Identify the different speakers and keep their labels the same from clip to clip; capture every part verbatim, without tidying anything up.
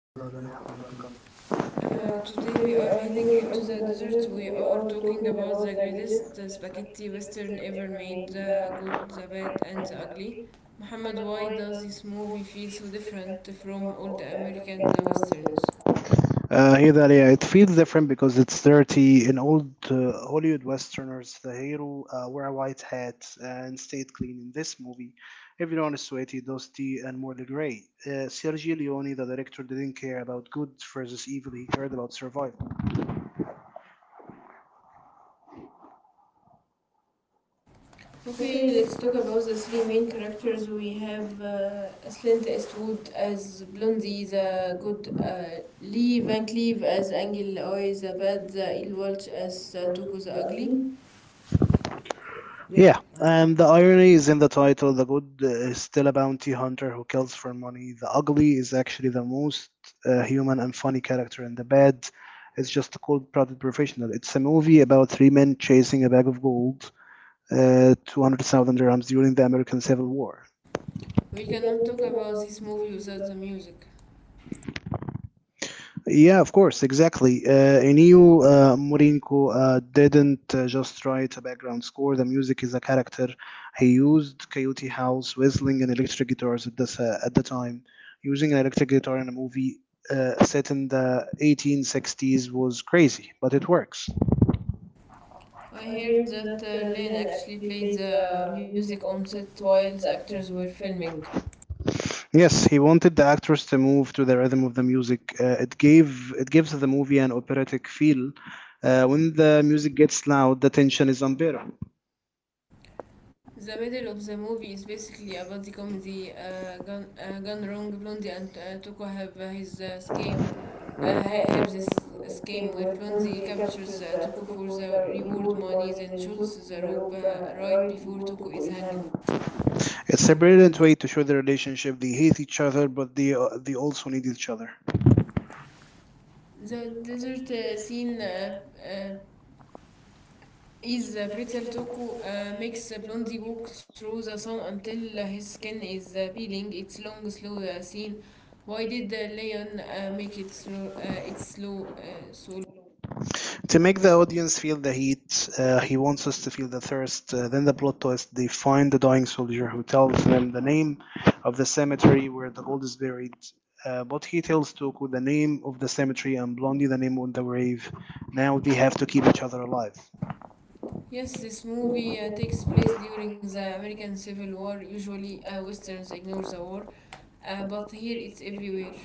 Speaker 1: Hello,
Speaker 2: Hello,
Speaker 1: Dania.
Speaker 2: Dalia.
Speaker 1: Welcome.
Speaker 2: Welcome.
Speaker 1: Uh, today we are heading into the desert. We are talking about the greatest uh, spaghetti western ever made, the good, the bad, and the ugly. Muhammad, why does this movie feel so different from all the American uh, westerns?
Speaker 2: Uh, hey Dalia, it feels different because it's dirty. In old uh, Hollywood Westerners, the hero uh, wear a white hat and stayed clean. In this movie, everyone is sweaty, dusty, and morally gray. Uh, Sergio Leone, the director, didn't care about good versus evil. He cared about survival.
Speaker 1: Okay, let's talk about the three main characters. We have uh, Clint Eastwood as Blondie, the good, uh, Lee Van Cleave as Angel Oi, the bad, the ill Walsh as uh, Tuco the ugly. Yeah,
Speaker 2: Yeah,
Speaker 1: I-
Speaker 2: and the irony is in the title. The good is still a bounty hunter who kills for money. The ugly is actually the most uh, human and funny character, and the bad is just a cold-blooded professional. It's a movie about three men chasing a bag of gold, uh, two hundred thousand dirhams during the American Civil War.
Speaker 1: we cannot talk about this movie without the music.
Speaker 2: Yeah, of course, exactly. Uh, in uh, Mourinho uh, didn't uh, just write a background score. The music is a character. He used Coyote House, whistling, and electric guitars at this uh, at the time. Using an electric guitar in a movie uh, set in the eighteen sixties was crazy, but it works.
Speaker 1: I heard that uh, Lane actually played the music on set while the actors were filming.
Speaker 2: Yes, he wanted the actors to move to the rhythm of the music. Uh, it gave it gives the movie an operatic feel. Uh, when the music gets loud, the tension is unbearable.
Speaker 1: The middle of the movie is basically about the comedy uh, gone, uh, gone wrong. Blondie and uh, Tuco have uh, his uh, scheme uh, ha- have this scheme where Plonzi captures uh, Tuco for the reward monies and shoots the rope uh, right before Tuco is hanged. It's
Speaker 2: It's a
Speaker 1: separated
Speaker 2: brilliant
Speaker 1: into
Speaker 2: way to show the relationship. They hate each other, but they uh, they also need each other.
Speaker 1: The desert uh, scene uh, uh, is uh, Pretzel Toko uh, makes uh, Blondie walk through the sun until uh, his skin is uh, peeling. It's long, slow uh, scene. Why did uh, Leon uh, make it slow? Uh, it's slow, uh, so
Speaker 2: To make the audience feel the heat, uh, he wants us to feel the thirst. Uh, then the plot twist: they find the dying soldier who tells them the name of the cemetery where the gold is buried. Uh, but he tells Toku the name of the cemetery and Blondie the name on the grave. Now they have to keep each other alive.
Speaker 1: Yes, this movie uh, takes place during the American Civil War. Usually, uh, westerns ignore the war, uh, but here it's everywhere.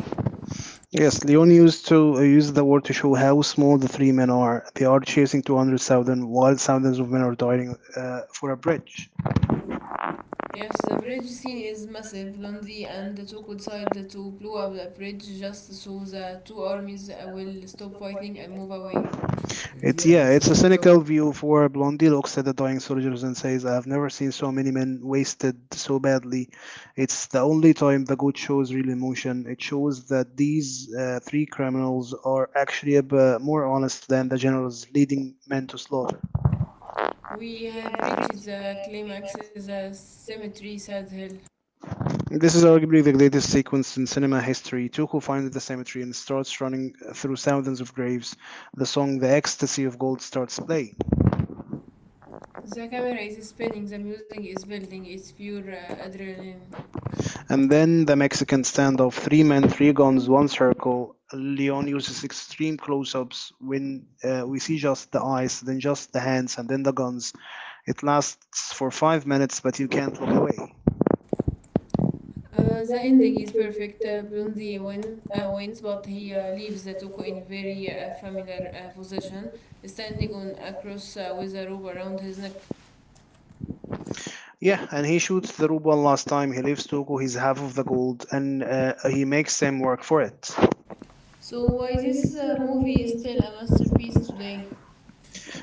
Speaker 2: Yes, Leon used to uh, use the word to show how small the three men are. They are chasing two hundred thousand while thousands of men are dying uh, for a bridge.
Speaker 1: Yes, the bridge scene is massive. Lundy and the two decide to blow up the bridge just so the two armies uh, will stop fighting and move away.
Speaker 2: It's
Speaker 1: It's, yeah,
Speaker 2: yeah, it's
Speaker 1: it's
Speaker 2: a
Speaker 1: a cynical.
Speaker 2: cynical view for Blondie looks at the dying soldiers and says, "I've never seen so many men wasted so badly." It's the only time the goat shows real emotion. It shows that these uh, three criminals are actually a bit more honest than the generals leading men to slaughter.
Speaker 1: We have reached the climax, the cemetery sad hill.
Speaker 2: This is arguably the greatest sequence in cinema history. Tuco finds the cemetery and starts running through thousands of graves. The song The Ecstasy of Gold starts playing.
Speaker 1: The camera is spinning, the music is building, it's pure uh, adrenaline.
Speaker 2: And
Speaker 1: And
Speaker 2: then the Mexican standoff three men, three guns, one circle. Leon uses extreme close ups when uh, we see just the eyes, then just the hands, and then the guns. It lasts for five minutes, but you can't look away.
Speaker 1: Uh, the ending is perfect. Uh, Blondie win, uh, wins, but he uh, leaves the Toko in very uh, familiar uh, position, standing on a cross uh, with a rope around his neck.
Speaker 2: Yeah, and he shoots the rope one last time. He leaves Tuco his half of the gold, and uh, he makes Sam work for it.
Speaker 1: So why this uh, movie is still a masterpiece today?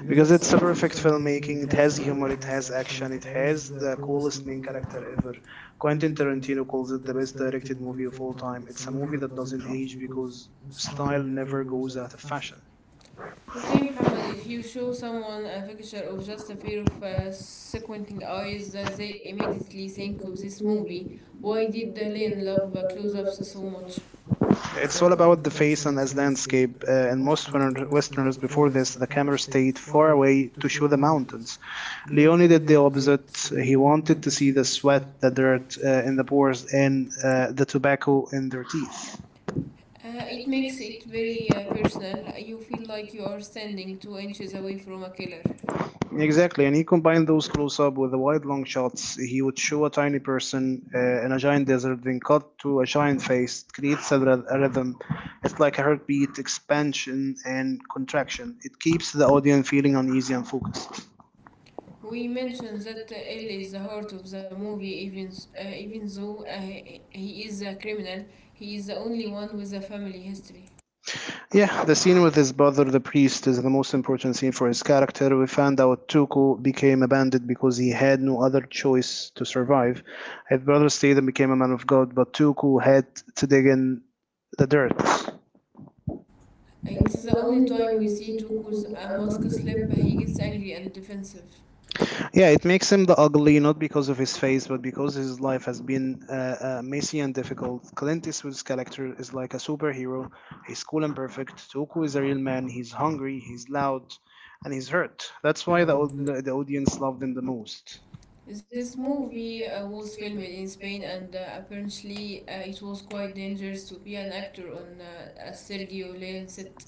Speaker 1: Because
Speaker 2: Because
Speaker 1: it's a
Speaker 2: it's a
Speaker 1: perfect
Speaker 2: perfect
Speaker 1: filmmaking,
Speaker 2: filmmaking.
Speaker 1: it
Speaker 2: It
Speaker 1: has
Speaker 2: has
Speaker 1: humor,
Speaker 2: humor,
Speaker 1: it
Speaker 2: it
Speaker 1: has
Speaker 2: has
Speaker 1: action,
Speaker 2: action,
Speaker 1: it
Speaker 2: it
Speaker 1: has
Speaker 2: has
Speaker 1: the
Speaker 2: the
Speaker 1: coolest
Speaker 2: coolest
Speaker 1: main
Speaker 2: main
Speaker 1: character
Speaker 2: character
Speaker 1: ever.
Speaker 2: ever.
Speaker 1: Quentin
Speaker 2: Quentin
Speaker 1: Tarantino
Speaker 2: Tarantino
Speaker 1: calls
Speaker 2: calls
Speaker 1: it
Speaker 2: it
Speaker 1: the
Speaker 2: the
Speaker 1: best
Speaker 2: best
Speaker 1: directed
Speaker 2: directed
Speaker 1: movie
Speaker 2: movie
Speaker 1: of
Speaker 2: of
Speaker 1: all
Speaker 2: all
Speaker 1: time.
Speaker 2: time.
Speaker 1: It's a
Speaker 2: It's a
Speaker 1: movie
Speaker 2: movie
Speaker 1: that
Speaker 2: that
Speaker 1: doesn't
Speaker 2: doesn't
Speaker 1: age
Speaker 2: age
Speaker 1: because
Speaker 2: because
Speaker 1: style
Speaker 2: style
Speaker 1: never
Speaker 2: never
Speaker 1: goes
Speaker 2: goes
Speaker 1: out
Speaker 2: out
Speaker 1: of
Speaker 2: of
Speaker 1: fashion.
Speaker 2: fashion.
Speaker 1: Okay, Muhammad, if you show someone a picture of just a pair of uh, squinting eyes, uh, they immediately think of this movie. Why did Lynn love uh, close ups so much? It's
Speaker 2: It's
Speaker 1: all
Speaker 2: all
Speaker 1: about
Speaker 2: about
Speaker 1: the
Speaker 2: the
Speaker 1: face
Speaker 2: face
Speaker 1: and
Speaker 2: and
Speaker 1: its
Speaker 2: as
Speaker 1: landscape.
Speaker 2: landscape. Uh,
Speaker 1: Uh, in
Speaker 2: and
Speaker 1: most
Speaker 2: most
Speaker 1: Wern-
Speaker 2: Western-
Speaker 1: Westerners
Speaker 2: Westerners
Speaker 1: before
Speaker 2: before
Speaker 1: this,
Speaker 2: this,
Speaker 1: the
Speaker 2: the
Speaker 1: camera
Speaker 2: camera
Speaker 1: stayed
Speaker 2: stayed
Speaker 1: far
Speaker 2: far
Speaker 1: away
Speaker 2: away
Speaker 1: to
Speaker 2: to
Speaker 1: show
Speaker 2: show
Speaker 1: the
Speaker 2: the
Speaker 1: mountains.
Speaker 2: mountains.
Speaker 1: Leone
Speaker 2: Leone
Speaker 1: did
Speaker 2: did
Speaker 1: the
Speaker 2: the
Speaker 1: opposite.
Speaker 2: opposite.
Speaker 1: He
Speaker 2: He
Speaker 1: wanted
Speaker 2: wanted
Speaker 1: to
Speaker 2: to
Speaker 1: see
Speaker 2: see
Speaker 1: the
Speaker 2: the
Speaker 1: sweat,
Speaker 2: sweat,
Speaker 1: the
Speaker 2: the
Speaker 1: dirt,
Speaker 2: dirt uh,
Speaker 1: uh, and
Speaker 2: in
Speaker 1: the
Speaker 2: the
Speaker 1: pores,
Speaker 2: pores,
Speaker 1: and
Speaker 2: and
Speaker 1: uh,
Speaker 2: uh, the tobacco in their teeth.
Speaker 1: Uh, it makes it very uh, personal. You feel like you are standing two inches away from a killer.
Speaker 2: Exactly, and he combined those close up with the wide long shots. He would show a tiny person uh, in a giant desert, then cut to a giant face. It creates a, ryth- a rhythm. It's like a heartbeat, expansion and contraction. It keeps the audience feeling uneasy and focused.
Speaker 1: We mentioned that uh, L is the heart of the movie, even s- uh, even though uh, he he is a criminal, he is the only one with a family history.
Speaker 2: Yeah, the scene with his brother, the priest, is the most important scene for his character. We found out Tuku became a bandit because he had no other choice to survive. His brother stayed and became a man of God, but Tuku had to dig in the dirt.
Speaker 1: It's the only time we see Tuku's a mask slip. He gets angry and defensive.
Speaker 2: Yeah, it makes him the ugly not because of his face, but because his life has been uh, uh, messy and difficult. Clint Eastwood's character is like a superhero. He's cool and perfect. Toku is a real man. He's hungry. He's loud, and he's hurt. That's why the
Speaker 1: مواعيد
Speaker 2: au-
Speaker 1: أقول.
Speaker 2: the audience loved him the most.
Speaker 1: This movie uh, was filmed in Spain, and uh, apparently uh, it was quite dangerous to be an actor on uh, a Sergio Leone set.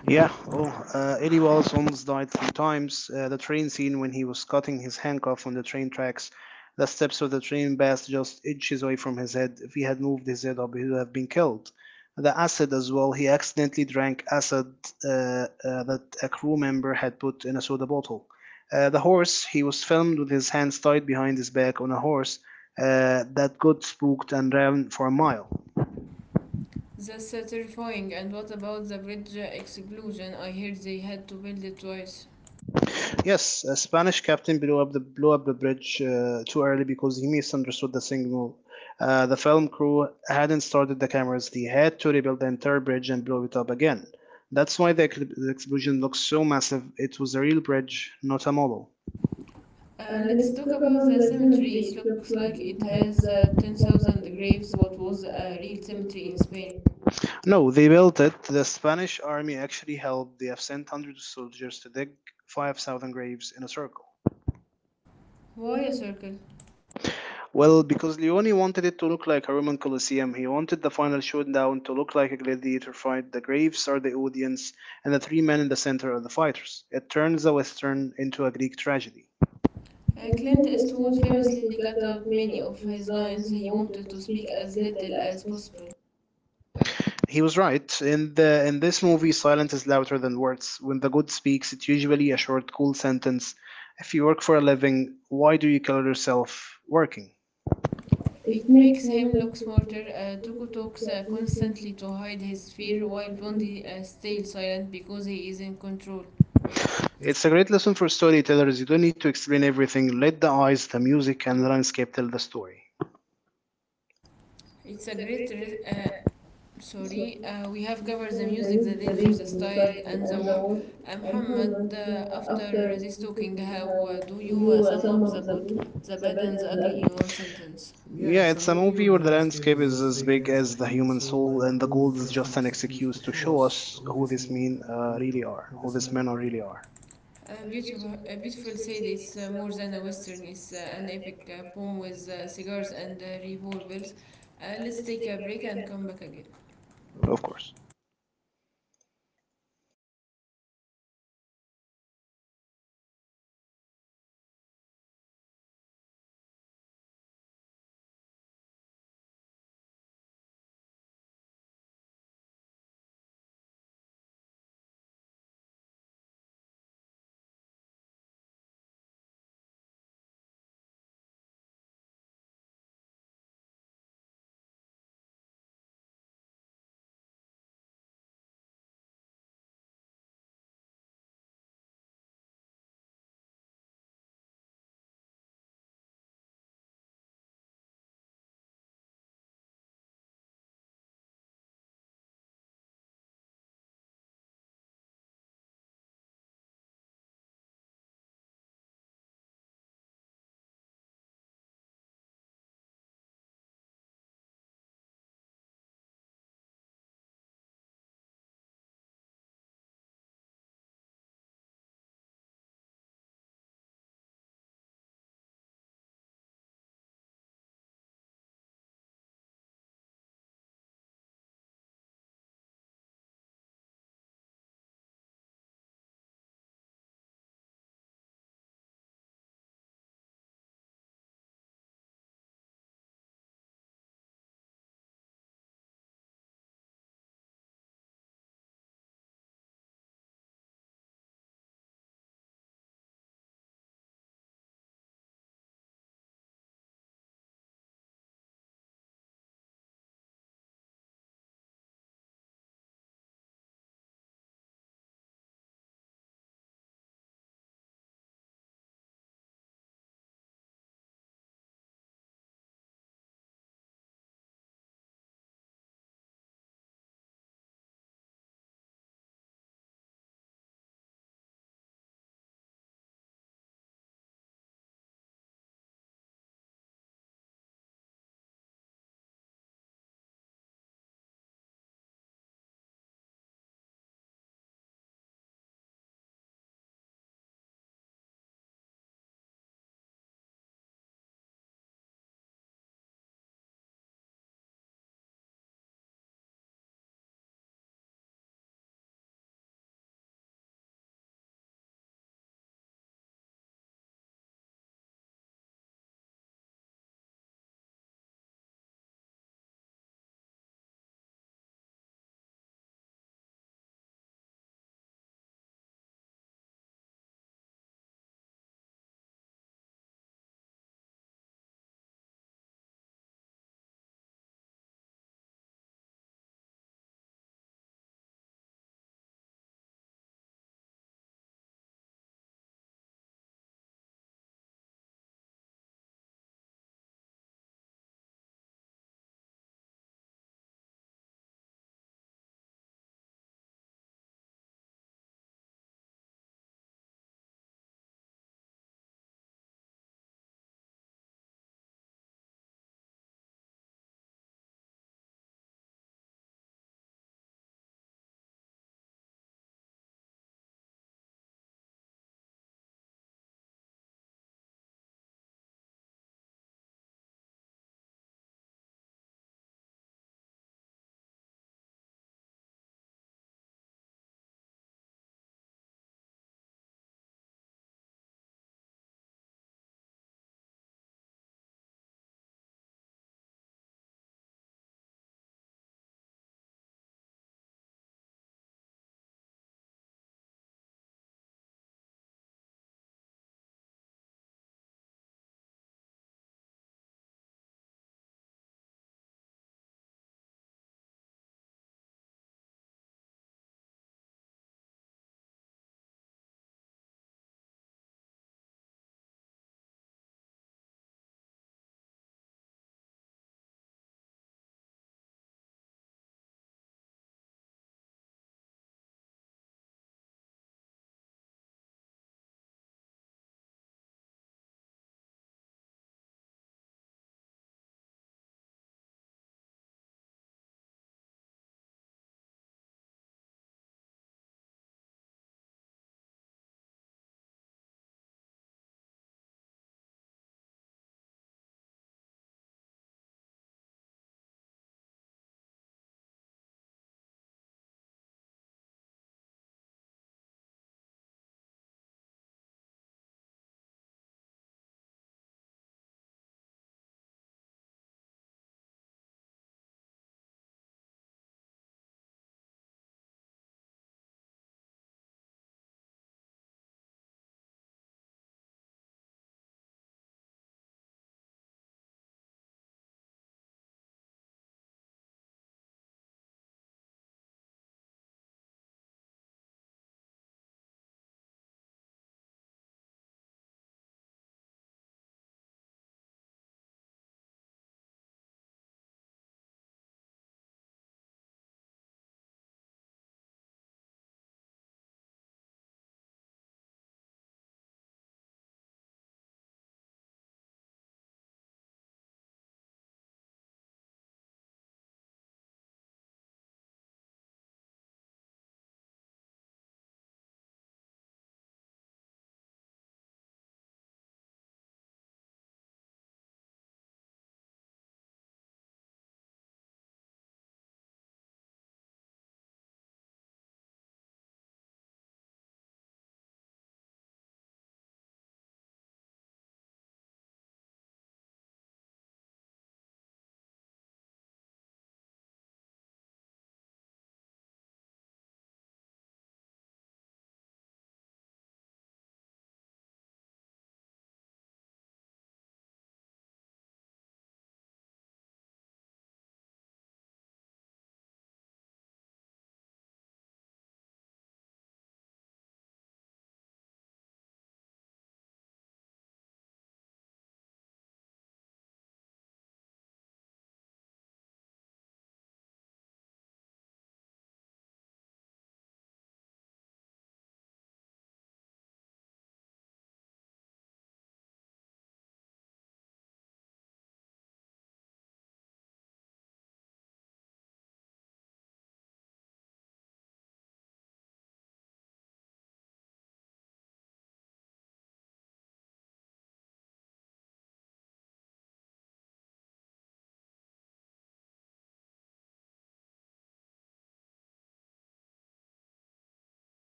Speaker 1: Yeah,
Speaker 2: Yeah,
Speaker 1: oh,
Speaker 2: oh, uh, Eddie Wallace almost died three times. Uh, the train scene when he was cutting his handcuff on the train tracks. The steps of the train bass just inches away from his head. If he had moved his head up, he would have been killed. The acid as well. He accidentally drank acid uh, uh, that a crew member had put in a soda bottle. Uh, the horse. He was filmed with his hands tied behind his back on a horse uh, that got spooked and ran for a mile.
Speaker 1: that's uh, terrifying. And what about the bridge uh, explosion? I heard they had to build it twice.
Speaker 2: Yes, a Spanish captain blew up the blew up the bridge uh, too early because he misunderstood the signal. Uh, the film crew hadn't started the cameras. They had to rebuild the entire bridge and blow it up again. That's why the, ex- the explosion looks so massive. It was a real bridge, not a model.
Speaker 1: Uh, let's talk about the cemetery. It looks like it has uh, ten thousand graves. What was a real cemetery in Spain?
Speaker 2: No, they built it. The Spanish army actually helped. They have sent hundreds of soldiers to dig five thousand graves in a circle.
Speaker 1: Why a circle?
Speaker 2: Well, because Leone wanted it to look like a Roman Colosseum, he wanted the final showdown to look like a gladiator fight. The graves are the audience, and the three men in the center are the fighters. It turns the Western into a Greek tragedy.
Speaker 1: Uh, Clint Eastwood famously cut out many of his lines. He wanted to speak as little as possible.
Speaker 2: He was right. In the in this movie, silence is louder than words. When the god speaks, it's usually a short, cool sentence. If you work for a living, why do you kill yourself working?
Speaker 1: It makes him look smarter. Uh, Tuco talks uh, constantly to hide his fear, while Blondie uh, stays silent because he is in control. It's
Speaker 2: It's a great lesson for storytellers. You don't need to explain everything. Let the eyes, the music, and the landscape tell the story.
Speaker 1: a great re- uh, sorry uh, we have covered the music, the dangers, the style, and the war. Uh, Muhammad uh, after this talking, how uh, do you uh, sum up the good, the bad, and the ugly in one sentence? Yeah,
Speaker 2: Yeah,
Speaker 1: it's a
Speaker 2: it's a
Speaker 1: movie
Speaker 2: movie
Speaker 1: where the
Speaker 2: where the
Speaker 1: landscape
Speaker 2: landscape
Speaker 1: is
Speaker 2: is
Speaker 1: as
Speaker 2: as
Speaker 1: big
Speaker 2: big
Speaker 1: as
Speaker 2: as
Speaker 1: the
Speaker 2: the
Speaker 1: human
Speaker 2: human
Speaker 1: soul,
Speaker 2: soul,
Speaker 1: and the
Speaker 2: and the
Speaker 1: goal is
Speaker 2: gold is
Speaker 1: just an
Speaker 2: just an
Speaker 1: excuse to
Speaker 2: excuse to
Speaker 1: show
Speaker 2: show
Speaker 1: us
Speaker 2: us
Speaker 1: who
Speaker 2: who
Speaker 1: these
Speaker 2: these
Speaker 1: men
Speaker 2: men
Speaker 1: uh,
Speaker 2: uh,
Speaker 1: really
Speaker 2: really
Speaker 1: are,
Speaker 2: are,
Speaker 1: who
Speaker 2: who
Speaker 1: these
Speaker 2: these
Speaker 1: men
Speaker 2: men
Speaker 1: are
Speaker 2: are
Speaker 1: really
Speaker 2: really
Speaker 1: are.
Speaker 2: are,
Speaker 1: A beautiful, a beautiful said, it's uh, more than a western. It's uh, an epic uh, poem with uh, cigars and uh, revolvers. Uh, let's take a break and come back again. Of
Speaker 2: of
Speaker 1: course.
Speaker 2: course.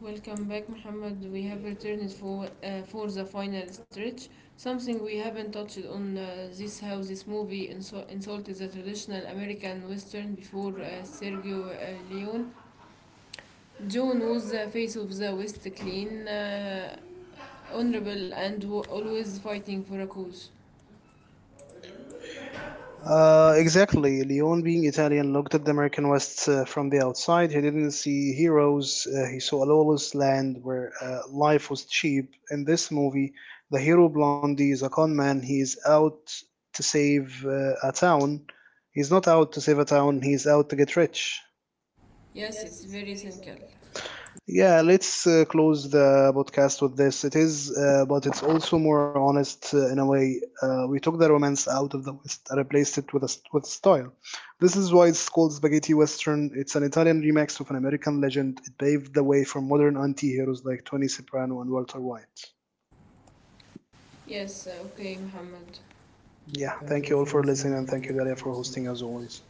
Speaker 1: Welcome back, Muhammad. We have returned for uh, for the final stretch. Something we haven't touched on uh, this, how this movie insult insulted the traditional American Western before uh, Sergio uh, Leone. John was the face of the West, clean, uh, honorable, and wa- always fighting for a cause. Uh,
Speaker 2: Uh,
Speaker 1: exactly.
Speaker 2: exactly. Leon, being Italian, looked at the American West uh, from the outside. He didn't see heroes. Uh, he saw a lawless land where uh, life was cheap. In this movie, the hero Blondie is a con man. He is out to save uh, a town. He's not out to save a town. He's out to get rich.
Speaker 1: Yes, it's very cynical.
Speaker 2: Yeah, let's uh, close the podcast with this. It is, uh, but it's also more honest uh, in a way. Uh, we took the romance out of the West and replaced it with a, st- with style. This is why it's called Spaghetti Western. It's an Italian remix of an American legend. It paved the way for modern anti heroes like Tony Soprano and Walter White.
Speaker 1: Yes, uh, okay, Muhammad. Yeah.
Speaker 2: Yeah,
Speaker 1: Thank you
Speaker 2: thank
Speaker 1: all
Speaker 2: you all
Speaker 1: for
Speaker 2: for
Speaker 1: listening.
Speaker 2: listening, and
Speaker 1: Thank you,
Speaker 2: thank you,
Speaker 1: Danny, for
Speaker 2: Dalia, for
Speaker 1: hosting
Speaker 2: hosting
Speaker 1: as
Speaker 2: as
Speaker 1: always.
Speaker 2: always.